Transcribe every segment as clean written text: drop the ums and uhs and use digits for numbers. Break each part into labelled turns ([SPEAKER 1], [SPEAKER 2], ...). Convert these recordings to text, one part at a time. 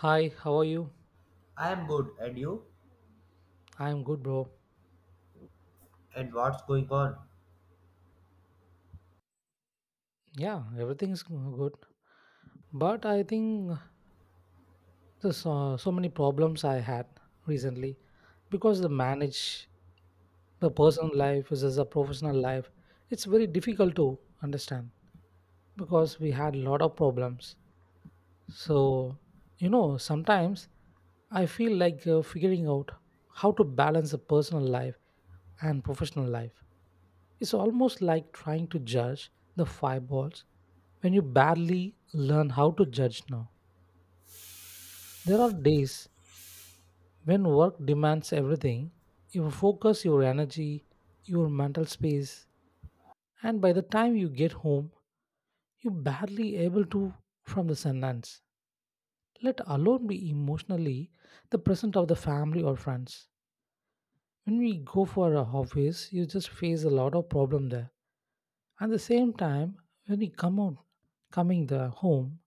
[SPEAKER 1] Hi, how are you?
[SPEAKER 2] I am good, and you?
[SPEAKER 1] I'm good, bro.
[SPEAKER 2] And what's going on?
[SPEAKER 1] Yeah, everything's good. But I think there's so many problems I had recently because the manage the personal life versus the professional life. It's very difficult to understand because we had a lot of problems. So, sometimes I feel like figuring out how to balance the personal life and professional life. It's almost like trying to judge the fireballs when you barely learn how to judge now. There are days when work demands everything, your focus, your energy, your mental space, and by the time you get home, you're barely able to from the sentence. Let alone be emotionally the present of the family or friends. When we go for a office, you just face a lot of problem there. At the same time, when we come out, coming the home,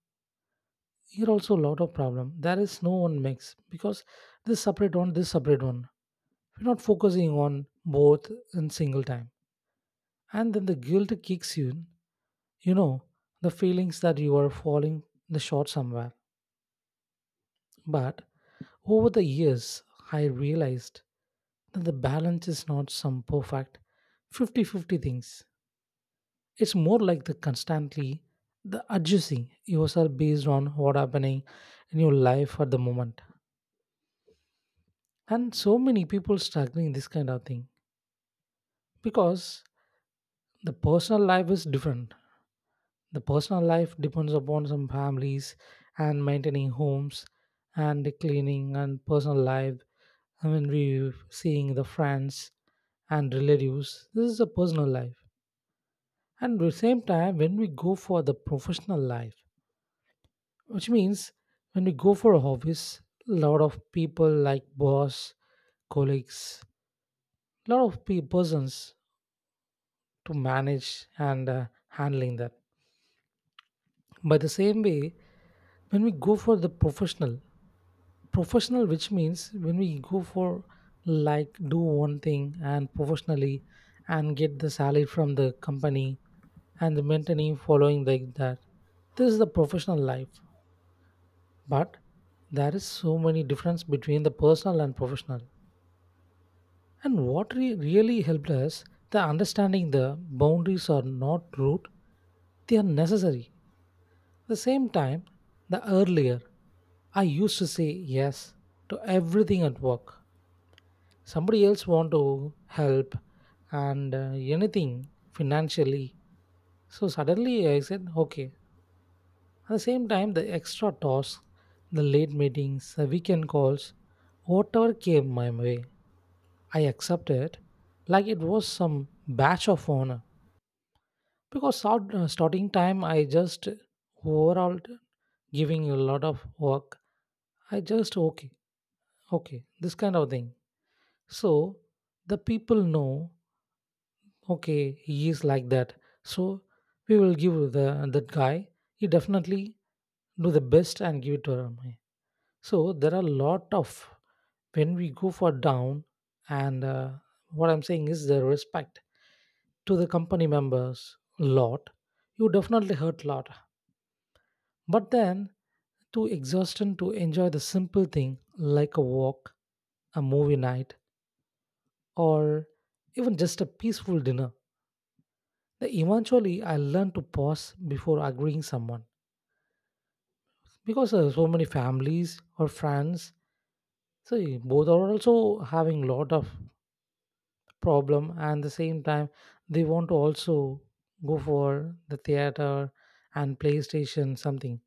[SPEAKER 1] here also a lot of problem, there is no one mix because this separate one, this separate one, we're not focusing on both in single time, and then the guilt kicks you in, you know the feelings that you are falling the short somewhere. But over the years, I realized that the balance is not some perfect fifty-fifty things. It's more like the constantly the adjusting yourself based on what happening in your life at the moment, and so many people struggling this kind of thing, because the personal life is different. The personal life depends upon some families, and maintaining homes, and the cleaning and personal life. I mean, we seeing the friends and relatives, this is a personal life. And at the same time, when we go for the professional life, which means when we go for a office, a lot of people like boss, colleagues, lot of persons to manage and handling that. By the same way, when we go for the professional which means when we go for, like, do one thing and professionally, and get the salary from the company and the maintaining following like that, this is the professional life. But there is so many difference between the personal and professional, and what really helped us, the understanding, the boundaries are not rude, they are necessary. The same time, the earlier I used to say yes to everything at work. Somebody else want to help and anything financially. So suddenly I said okay. At the same time, the extra tasks, the late meetings, the weekend calls, whatever came my way, I accepted like it was some batch of honor. Because starting time, I just overall giving a lot of work. I just okay. Okay, this kind of thing. So the people know, okay, he is like that, so we will give the that guy, he definitely do the best and give it to him. So there are a lot of, when we go for down, and what I'm saying is the respect to the company members, lot, you definitely hurt lot. But then to exhaustion, to enjoy the simple thing like a walk, a movie night, or even just a peaceful dinner. Then eventually, I learned to pause before agreeing someone, because so many families or friends, see, both are also having lot of problem, and the same time they want to also go for the theater and PlayStation something.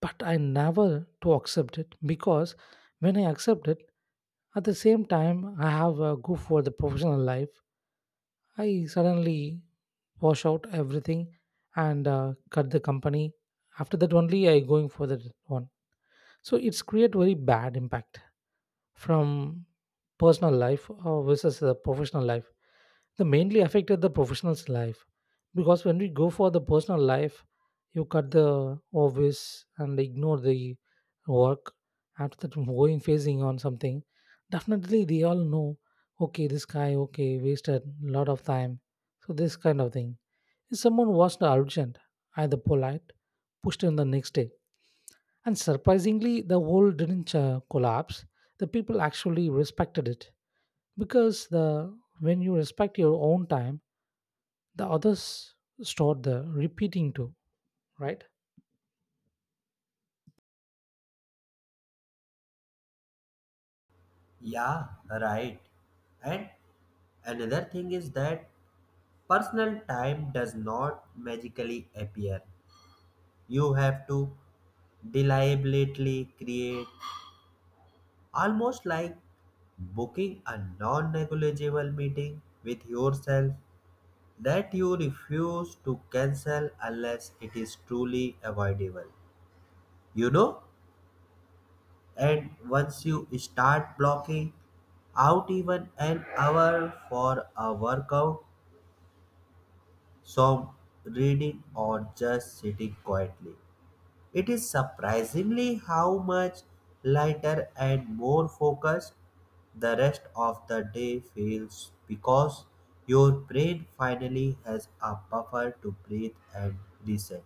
[SPEAKER 1] But I never to accept it, because when I accept it, at the same time I have go for the professional life. I suddenly wash out everything, and cut the company. After that only I going for that one. So it's create very bad impact from personal life versus the professional life, the mainly affected the professional's life. Because when we go for the personal life, you cut the obvious and ignore the work. After that going phasing on something, definitely they all know, okay, this guy, okay, wasted a lot of time. So this kind of thing, if someone was the urgent, either polite, pushed in the next day. And surprisingly, the wall didn't collapse. The people actually respected it, because the, when you respect your own time, the others start the repeating too, right?
[SPEAKER 2] Yeah, right. And another thing is that personal time does not magically appear. You have to deliberately create, almost like booking a non negligible meeting with yourself that you refuse to cancel unless it is truly avoidable. You know? And once you start blocking out even an hour for a workout, some reading, or just sitting quietly, it is surprisingly how much lighter and more focused the rest of the day feels because your brain finally has a buffer to breathe and reset.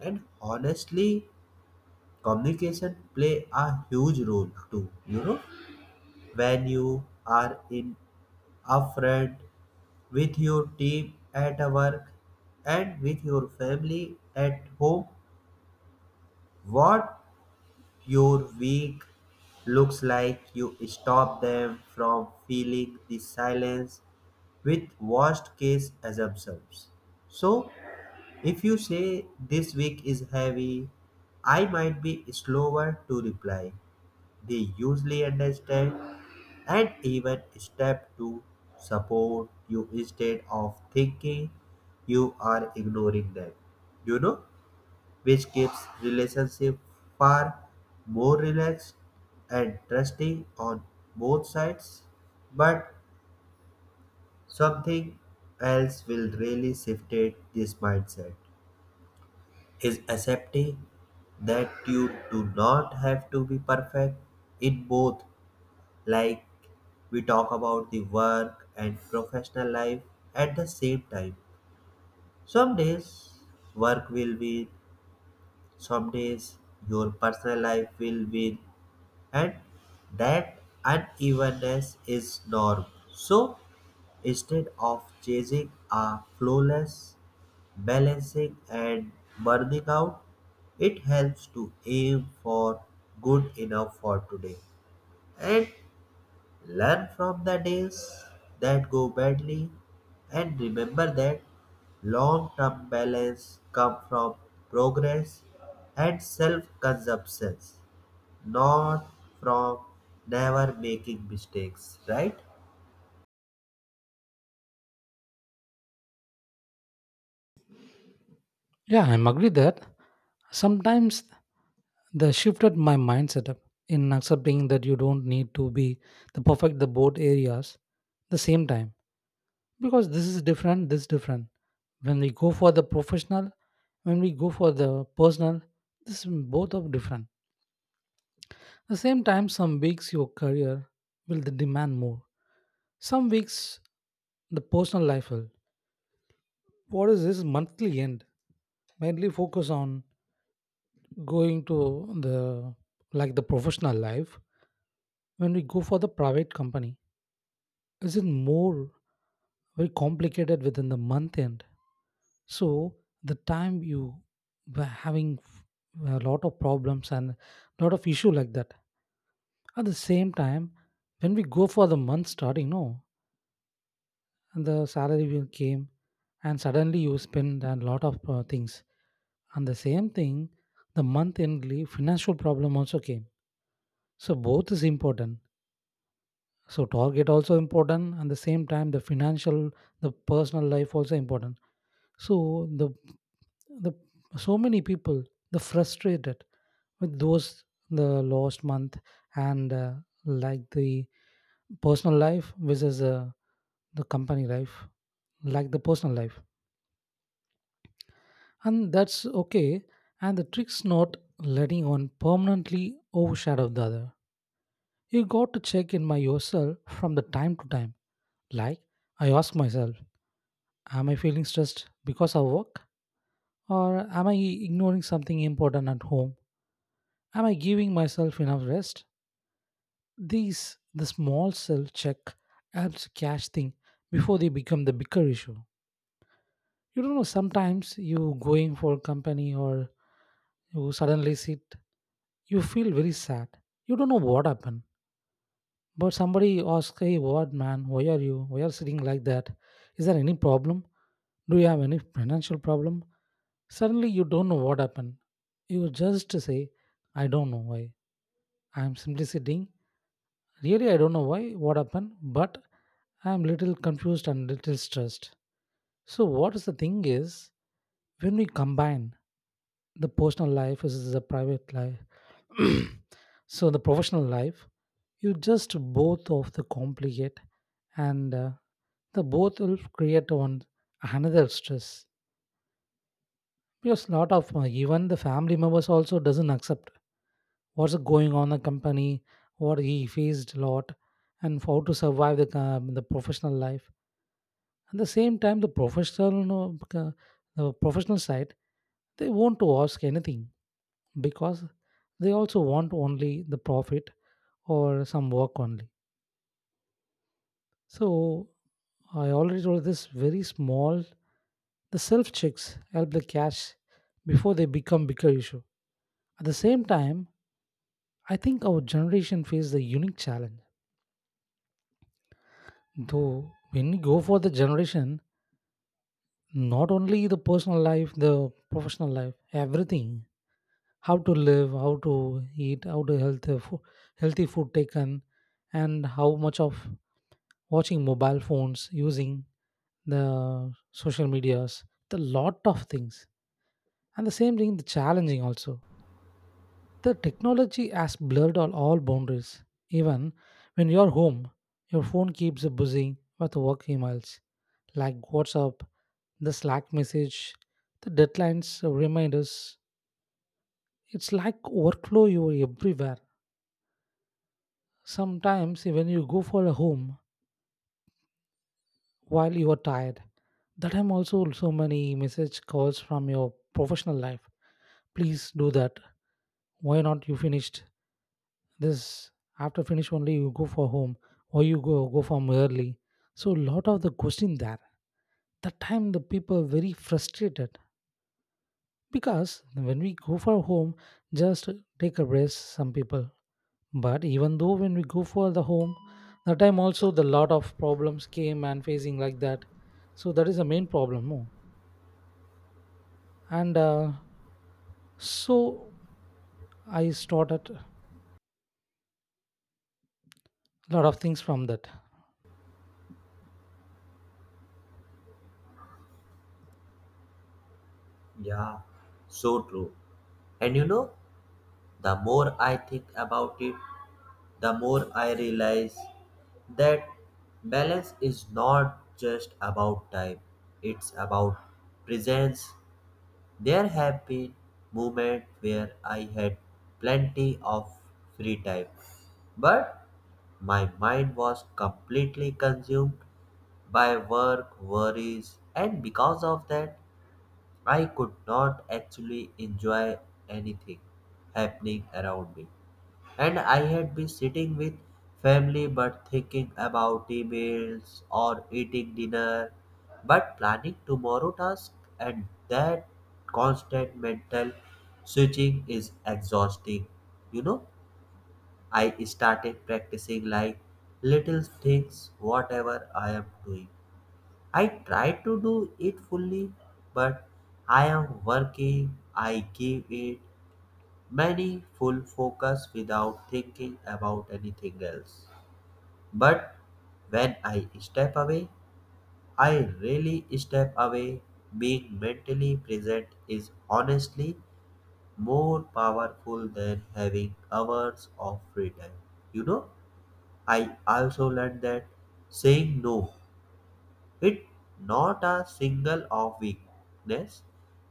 [SPEAKER 2] And honestly, communication play a huge role too, When you are in afraid with your team at work and with your family at home what your week looks like, you stop them from feeling the silence with worst case assumptions. So if you say this week is heavy, I might be slower to reply, they usually understand and even step to support you instead of thinking you are ignoring them you know which keeps relationship far more relaxed and trusting on both sides. But something else will really shifted this mindset is accepting that you do not have to be perfect in both. Like, we talk about the work and professional life at the same time. Some days work will win, some days your personal life will win, and that unevenness is norm. So instead of chasing a flawless balancing and burning out, it helps to aim for good enough for today, and learn from the days that go badly, and remember that long term balance comes from progress and self consumption, not from never making mistakes, right?
[SPEAKER 1] Yeah, I'm agree that sometimes the shifted my mindset up, in accepting that you don't need to be the perfect the both areas the same time. Because this is different, this different. When we go for the professional, when we go for the personal, this both are different. At the same time, some weeks your career will demand more. Some weeks the personal life will. What is this monthly end? Mainly focus on going to the, like, the professional life. When we go for the private company, is it more very complicated within the month end? So the time you were having a lot of problems and lot of issue like that. At the same time, when we go for the month starting, no, and the salary will came, and suddenly you spend a lot of things. And the same thing, the month endly financial problem also came. So both is important, so target also important, and the same time the financial, the personal life also important. So the, the so many people the frustrated with those, the lost month, and like the personal life versus the company life, like the personal life, and that's okay. And the trick's not letting one permanently overshadow the other. You got to check in by yourself from the time to time. Like, I ask myself, am I feeling stressed because of work? Or am I ignoring something important at home? Am I giving myself enough rest? These, the small self check, helps catch things before they become the bigger issue. You don't know, sometimes you going for company, or you suddenly sit, you feel very sad. You don't know what happened. But somebody asks, hey, what man, why are you? Why are sitting like that? Is there any problem? Do you have any financial problem? Suddenly you don't know what happened. You just say, I don't know why. I'm simply sitting. Really, I don't know why, what happened, but I'm little confused and little stressed. So what is the thing is, when we combine, the personal life is the private life, so the professional life, you just both of the complicate, and the both will create one another stress. Because lot of even the family members also doesn't accept what's going on in the company, what he faced a lot, and how to survive the professional life. At the same time, the professional, no, the professional side, they want to ask anything, because they also want only the profit or some work only. So I already told this very small, the self checks help the cash before they become bigger issue. At the same time, I think our generation faces the unique challenge. Though when you go for the generation, not only the personal life, the professional life, everything, how to live, how to eat, how to healthy food taken, and how much of watching mobile phones, using the social medias, the lot of things. And the same thing, the challenging also. The technology has blurred all boundaries. Even when you're home, your phone keeps buzzing with work emails like WhatsApp, the Slack message, the deadlines, reminders. It's like workflow you are everywhere. Sometimes when you go for a home while you are tired. That time also so many message calls from your professional life. Please do that. Why not you finished this? After finish only you go for home, or you go from early. So lot of the question there. That time the people are very frustrated, because when we go for home, just take a rest. Some people, but even though when we go for the home, that time also the lot of problems came and facing like that. So that is the main problem. No? and so I started a lot of things from that.
[SPEAKER 2] Yeah, so true. And you know, the more I think about it, the more I realize that balance is not just about time, it's about presence. There have been moments where I had plenty of free time, but my mind was completely consumed by work, worries, and because of that, I could not actually enjoy anything happening around me. And I had been sitting with family but thinking about emails, or eating dinner but planning tomorrow task, and that constant mental switching is exhausting. You know, I started practicing like little things. Whatever I am doing, I try to do it fully. But I am working, I give it many full focus without thinking about anything else. But when I step away, I really step away. Being mentally present is honestly more powerful than having hours of free time. You know, I also learned that saying no, it not a single of weakness,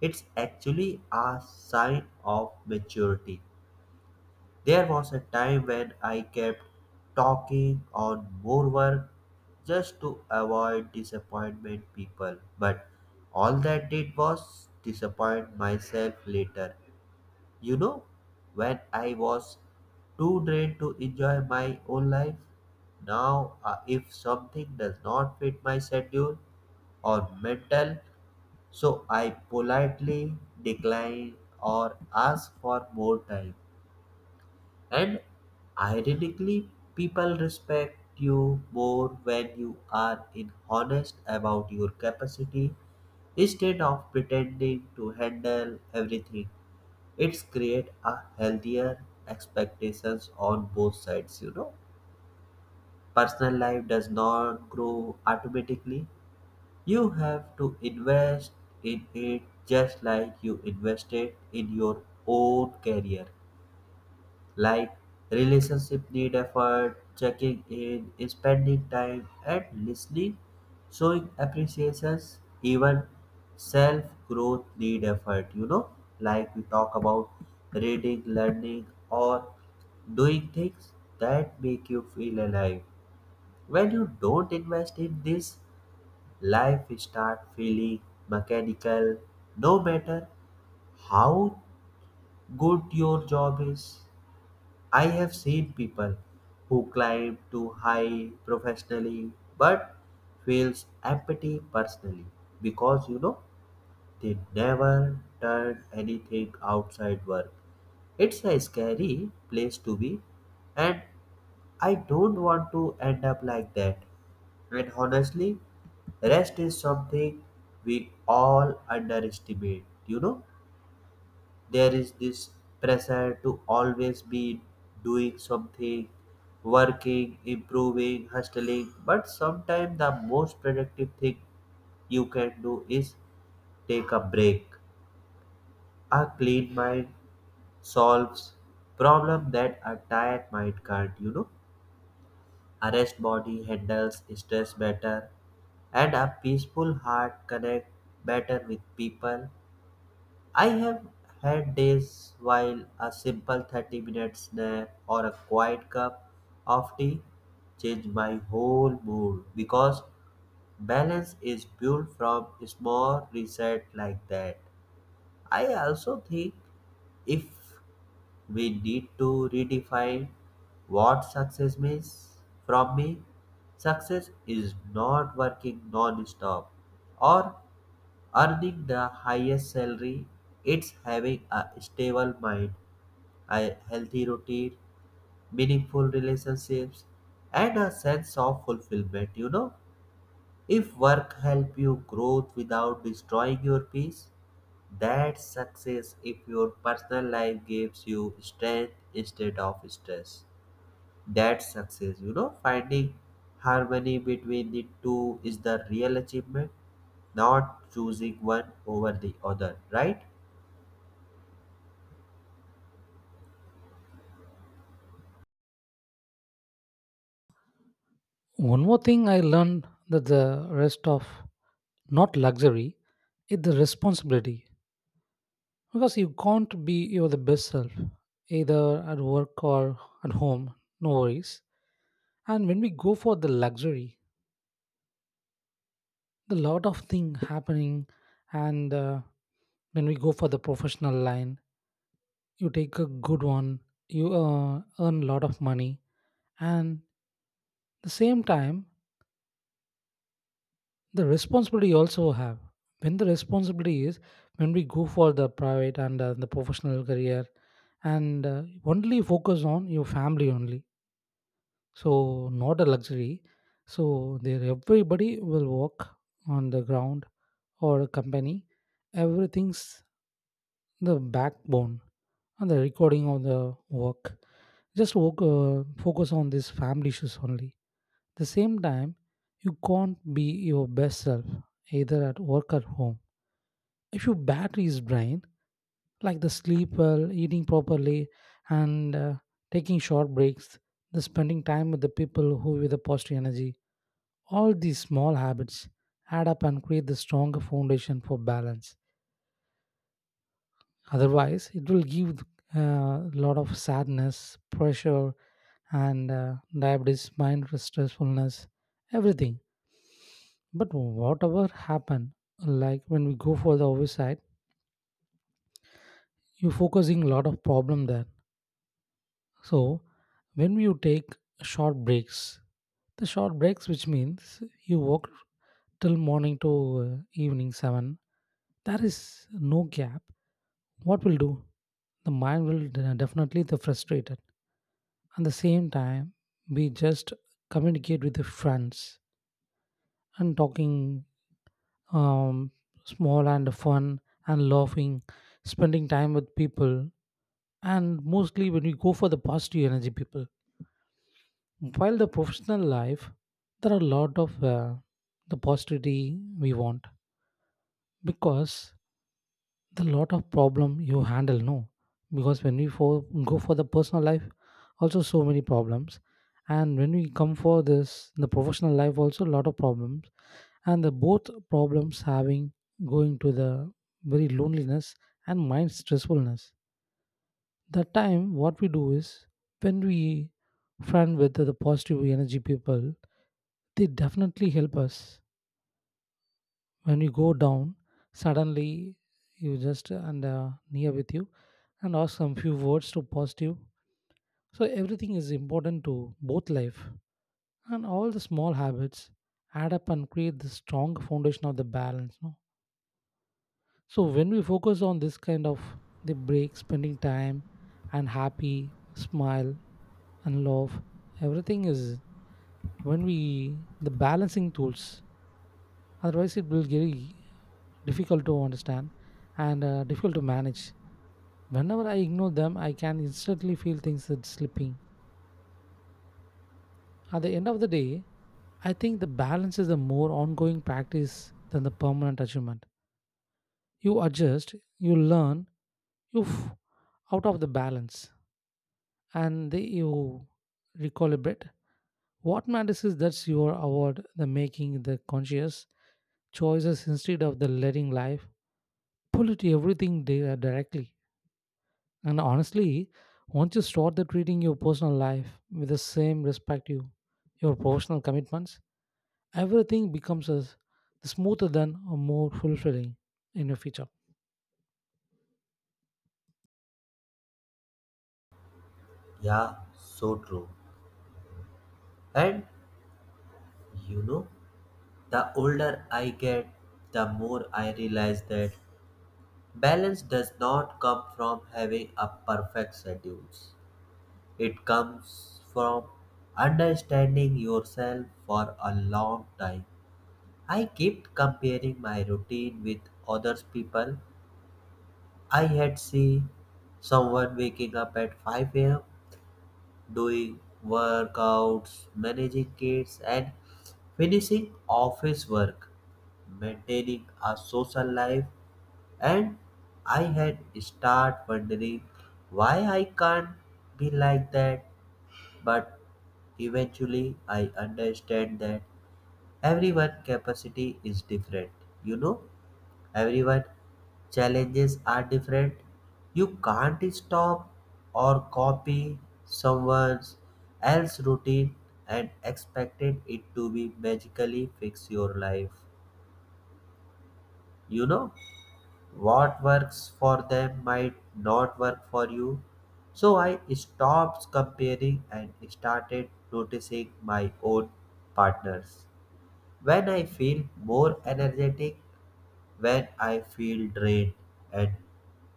[SPEAKER 2] it's actually a sign of maturity. There was a time when I kept talking on more work just to avoid disappointment people, but all that did was disappoint myself later. You know, when I was too drained to enjoy my own life. Now, if something does not fit my schedule or mental, so I politely decline or ask for more time. And ironically, people respect you more when you are in honest about your capacity instead of pretending to handle everything. It's create a healthier expectations on both sides, you know. Personal life does not grow automatically. You have to invest in it just like you invested in your own career. Like, relationship need effort, checking in, spending time and listening, showing appreciations. Even self growth need effort, like we talk about reading, learning, or doing things that make you feel alive. When you don't invest in this, life start feeling mechanical, no matter how good your job is. I have seen people who climb too high professionally but feels empty personally because, you know, they never done anything outside work. It's a scary place to be, and I don't want to end up like that. And honestly, rest is something we all underestimate, you know? There is this pressure to always be doing something, working, improving, hustling, but sometimes the most productive thing you can do is take a break. A clean mind solves problem that a tired mind can't. A rest body handles stress better, and a peaceful heart connect better with people. I have had days while a simple 30-minute minute nap or a quiet cup of tea change my whole mood, because balance is built from small reset like that. I also think if we need to redefine what success means from me, success is not working non-stop or earning the highest salary. It's having a stable mind, a healthy routine, meaningful relationships, and a sense of fulfillment. You know, if work help you grow without destroying your peace, that's success. If your personal life gives you strength instead of stress, that's success. You know, finding harmony between the two is the real achievement, not choosing one over the other, right?
[SPEAKER 1] One more thing I learned, that the rest of not luxury, it's the responsibility, because you can't be your the best self either at work or at home. No worries. And when we go for the luxury, the lot of thing happening. And When we go for the professional line, you take a good one, you earn a lot of money, and the same time the responsibility also have. When the responsibility is when we go for the private and the professional career, and only focus on your family only, so not a luxury. So there everybody will work on the ground or a company, everything's the backbone, and the recording of the work, just work, focus on these family issues only. The same time, you can't be your best self either at work or home, if your battery is drained, like the sleep well, eating properly, and taking short breaks, the spending time with the people who with the positive energy. All these small habits add up and create the stronger foundation for balance. Otherwise, it will give a lot of sadness, pressure, and diabetes, mind stressfulness, everything. But whatever happen, like when we go for the oversight, you're focusing a lot of problem there. So when you take short breaks, the short breaks, which means you work till morning to evening 7, there is no gap. What will do? The mind will definitely the frustrated. At the same time, we just communicate with the friends and talking, um, small and fun and laughing, spending time with people, and mostly when we go for the positive energy people. While the professional life, there are a lot of the positivity we want, because the lot of problem you handle, no? Because when we go for the personal life also so many problems, and when we come for this the professional life also a lot of problems, and the both problems having, going to the very loneliness and mind stressfulness. That time what we do is, when we friend with the positive energy people, they definitely help us. When you go down suddenly, you just and near with you and ask some few words to positive. So everything is important to both life, and all the small habits add up and create the strong foundation of the balance, no? So when we focus on this kind of the break spending time and happy smile and love, everything is when we the balancing tools. Otherwise it will get difficult to understand and difficult to manage. Whenever I ignore them, I can instantly feel things that slipping. At the end of the day, I think the balance is a more ongoing practice than the permanent achievement. You adjust, you learn, you out of the balance, and you recalibrate. What matters is that you are award the making the conscious choices, instead of the letting life pull it everything directly. And honestly, once you start the treating your personal life with the same respect you your professional commitments, everything becomes as smoother than or more fulfilling in your future.
[SPEAKER 2] Yeah, so true. And you know, the older I get, the more I realize that balance does not come from having a perfect schedule. It comes from understanding yourself. For a long time, I kept comparing my routine with others people. I had see someone waking up at 5 a.m doing workouts, managing kids, and finishing office work, maintaining a social life, and I had start wondering why I can't be like that. But eventually, I understand that everyone' capacity is different. You know, everyone challenges are different. You can't stop or copy someone else's routine and expect it to be magically fix your life. You know, what works for them might not work for you. So I stopped comparing and started noticing my own partners, when I feel more energetic, when I feel drained, and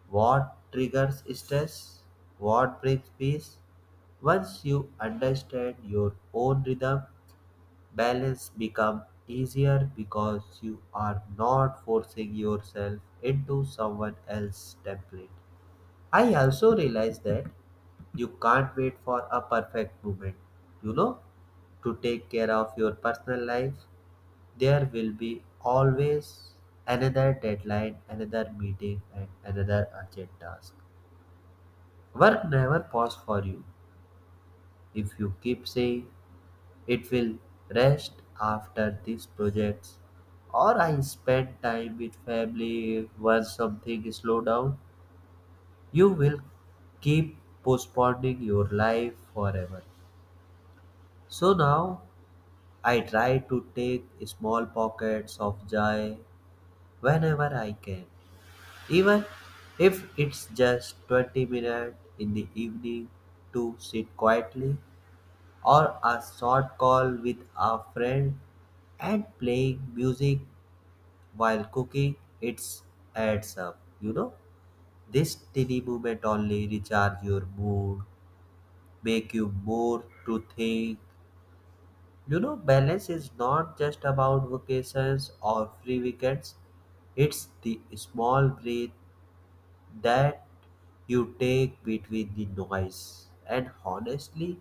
[SPEAKER 2] what triggers stress, what brings peace. Once you understand your own rhythm, balance becomes easier because you are not forcing yourself into someone else's template. I also realized that you can't wait for a perfect moment, you know, to take care of your personal life. There will be always another deadline, another meeting, and another urgent task. Work never paused for you. If you keep saying it will rest after these projects, or I spend time with family once something slow down, you will keep postponing your life forever. So now I try to take small pockets of joy whenever I can, even if it's just 20 minutes in the evening to sit quietly, or a short call with a friend, and playing music while cooking. It adds up, you know. This tiny moment only recharge your mood, make you more to think. You know, balance is not just about vacations or free weekends, it's the small breath that you take between the noise. And honestly,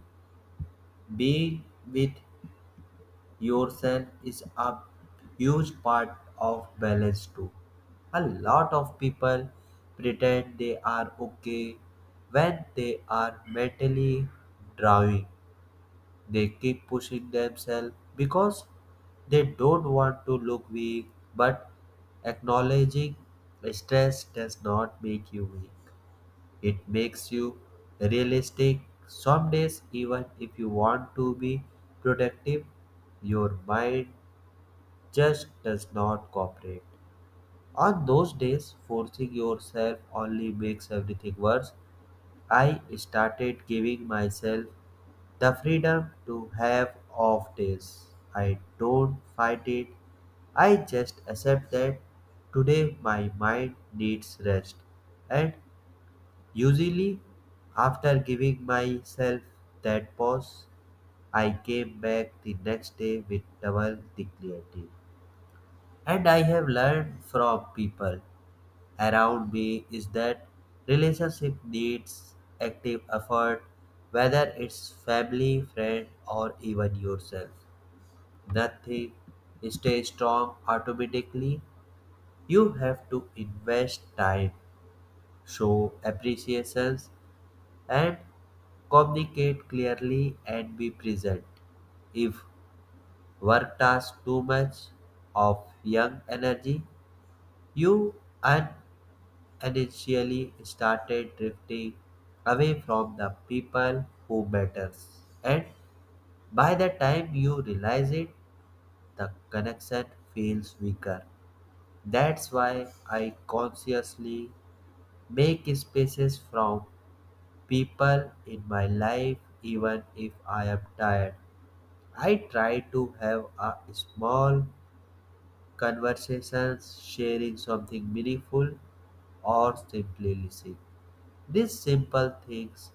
[SPEAKER 2] being with yourself is a huge part of balance too. A lot of people pretend they are okay when they are mentally drawing. They keep pushing themselves because they don't want to look weak, but acknowledging stress does not make you weak. It makes you realistic. Some days, even if you want to be productive, your mind just does not cooperate. On those days, forcing yourself only makes everything worse. I started giving myself the freedom to have off days. I don't fight it. I just accept that today my mind needs rest. And usually, after giving myself that pause, I came back the next day with double the clarity. And I have learned from people around me is that relationship needs active effort, whether it's family, friend, or even yourself. Nothing stays strong automatically. You have to invest time, show appreciations, and communicate clearly, and be present. If work takes too much of young energy, you earn and initially started drifting away from the people who matters. And by the time you realize it, the connection feels weaker. That's why I consciously make spaces from people in my life even if I am tired. I try to have a small conversations, sharing something meaningful or simply listening. These simple things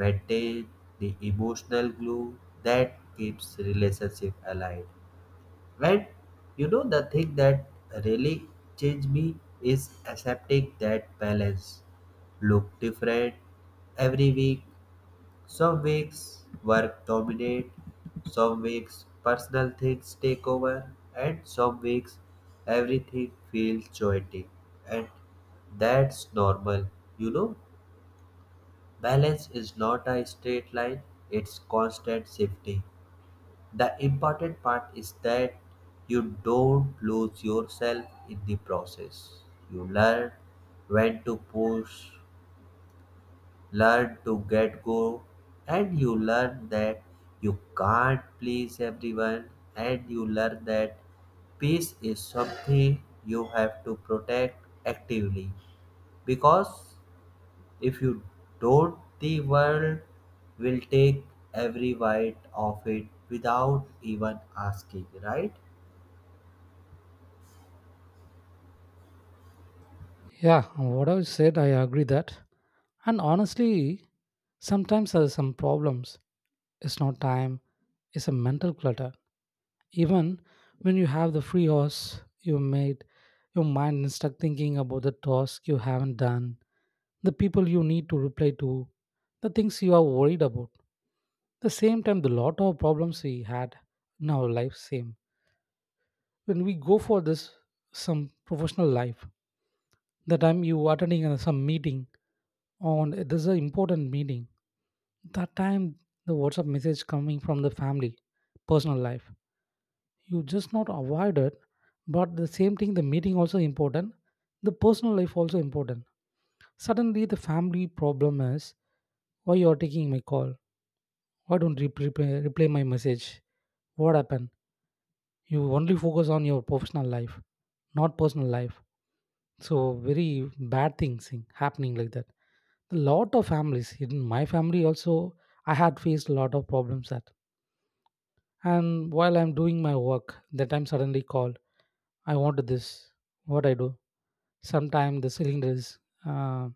[SPEAKER 2] maintain the emotional glue that keeps relationship alive. When the thing that really changed me is accepting that balance look different every week. Some weeks work dominate, some weeks personal things take over, and some weeks everything feels chaotic, and that's normal. You know, balance is not a straight line, it's constant shifting. The important part is that you don't lose yourself in the process. You learn when to push, learn to get go, and you learn that you can't please everyone, and you learn that peace is something you have to protect actively, because if you don't, the world will take every bite of it without even asking, right?
[SPEAKER 1] Yeah, what I said, I agree that. And honestly, sometimes there are some problems. It's not time, it's a mental clutter. Even when you have the free hours you made, your mind is stuck thinking about the task you haven't done, the people you need to reply to, the things you are worried about. The same time, the lot of problems we had in our life, same. When we go for this some professional life, the time you attending some meeting on this is an important meeting. That time the WhatsApp message coming from the family, personal life, you just not avoid it, but the same thing the meeting also important, the personal life also important. Suddenly the family problem is, why you are taking my call, why don't you reply my message, what happened, you only focus on your professional life, not personal life. So very bad things happening like that. A lot of families in my family also, I had faced a lot of problems that. And while I'm doing my work, that time suddenly called, I want this, what I do. Sometimes the cylinder is uh,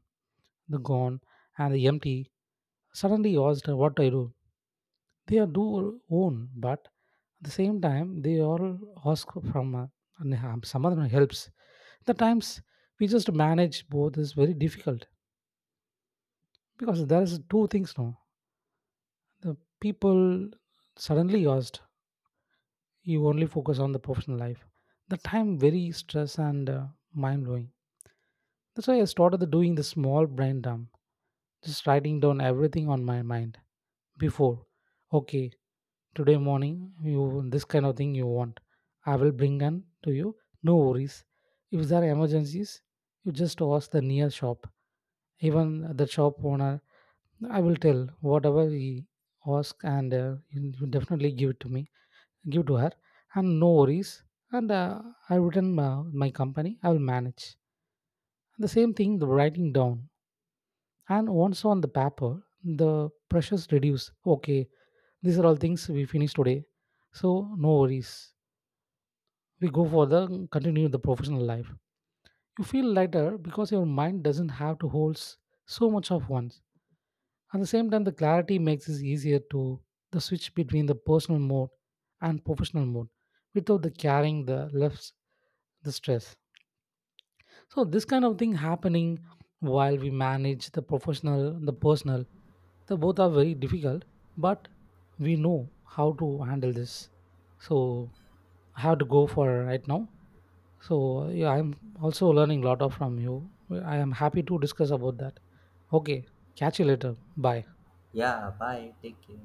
[SPEAKER 1] the gone and the empty. Suddenly asked what I do. They are do own, but at the same time they all ask from and have some other helps. The times we just manage both is very difficult, because there is two things now. The people suddenly asked, you only focus on the professional life. The time very stress and mind blowing. That's why I started the doing the small brain dump, just writing down everything on my mind before. Okay, today morning you this kind of thing you want, I will bring them to you, no worries. If there are emergencies, you just ask the near shop. Even the shop owner, I will tell whatever he ask, and you definitely give it to me, give to her, and no worries. And I written, my company I will manage. The same thing the writing down, and once on the paper, the pressures reduce. Okay, these are all things we finish today. So no worries. We go for the continue the professional life. You feel lighter because your mind doesn't have to hold so much of once. At the same time, the clarity makes it easier to the switch between the personal mode and professional mode without the carrying the left the stress. So this kind of thing happening while we manage the professional, the personal, the both are very difficult, but we know how to handle this. So have to go for right now. So yeah, I'm also learning a lot of from you. I am happy to discuss about that. Okay, catch you later. Bye.
[SPEAKER 2] Yeah, bye. Take care.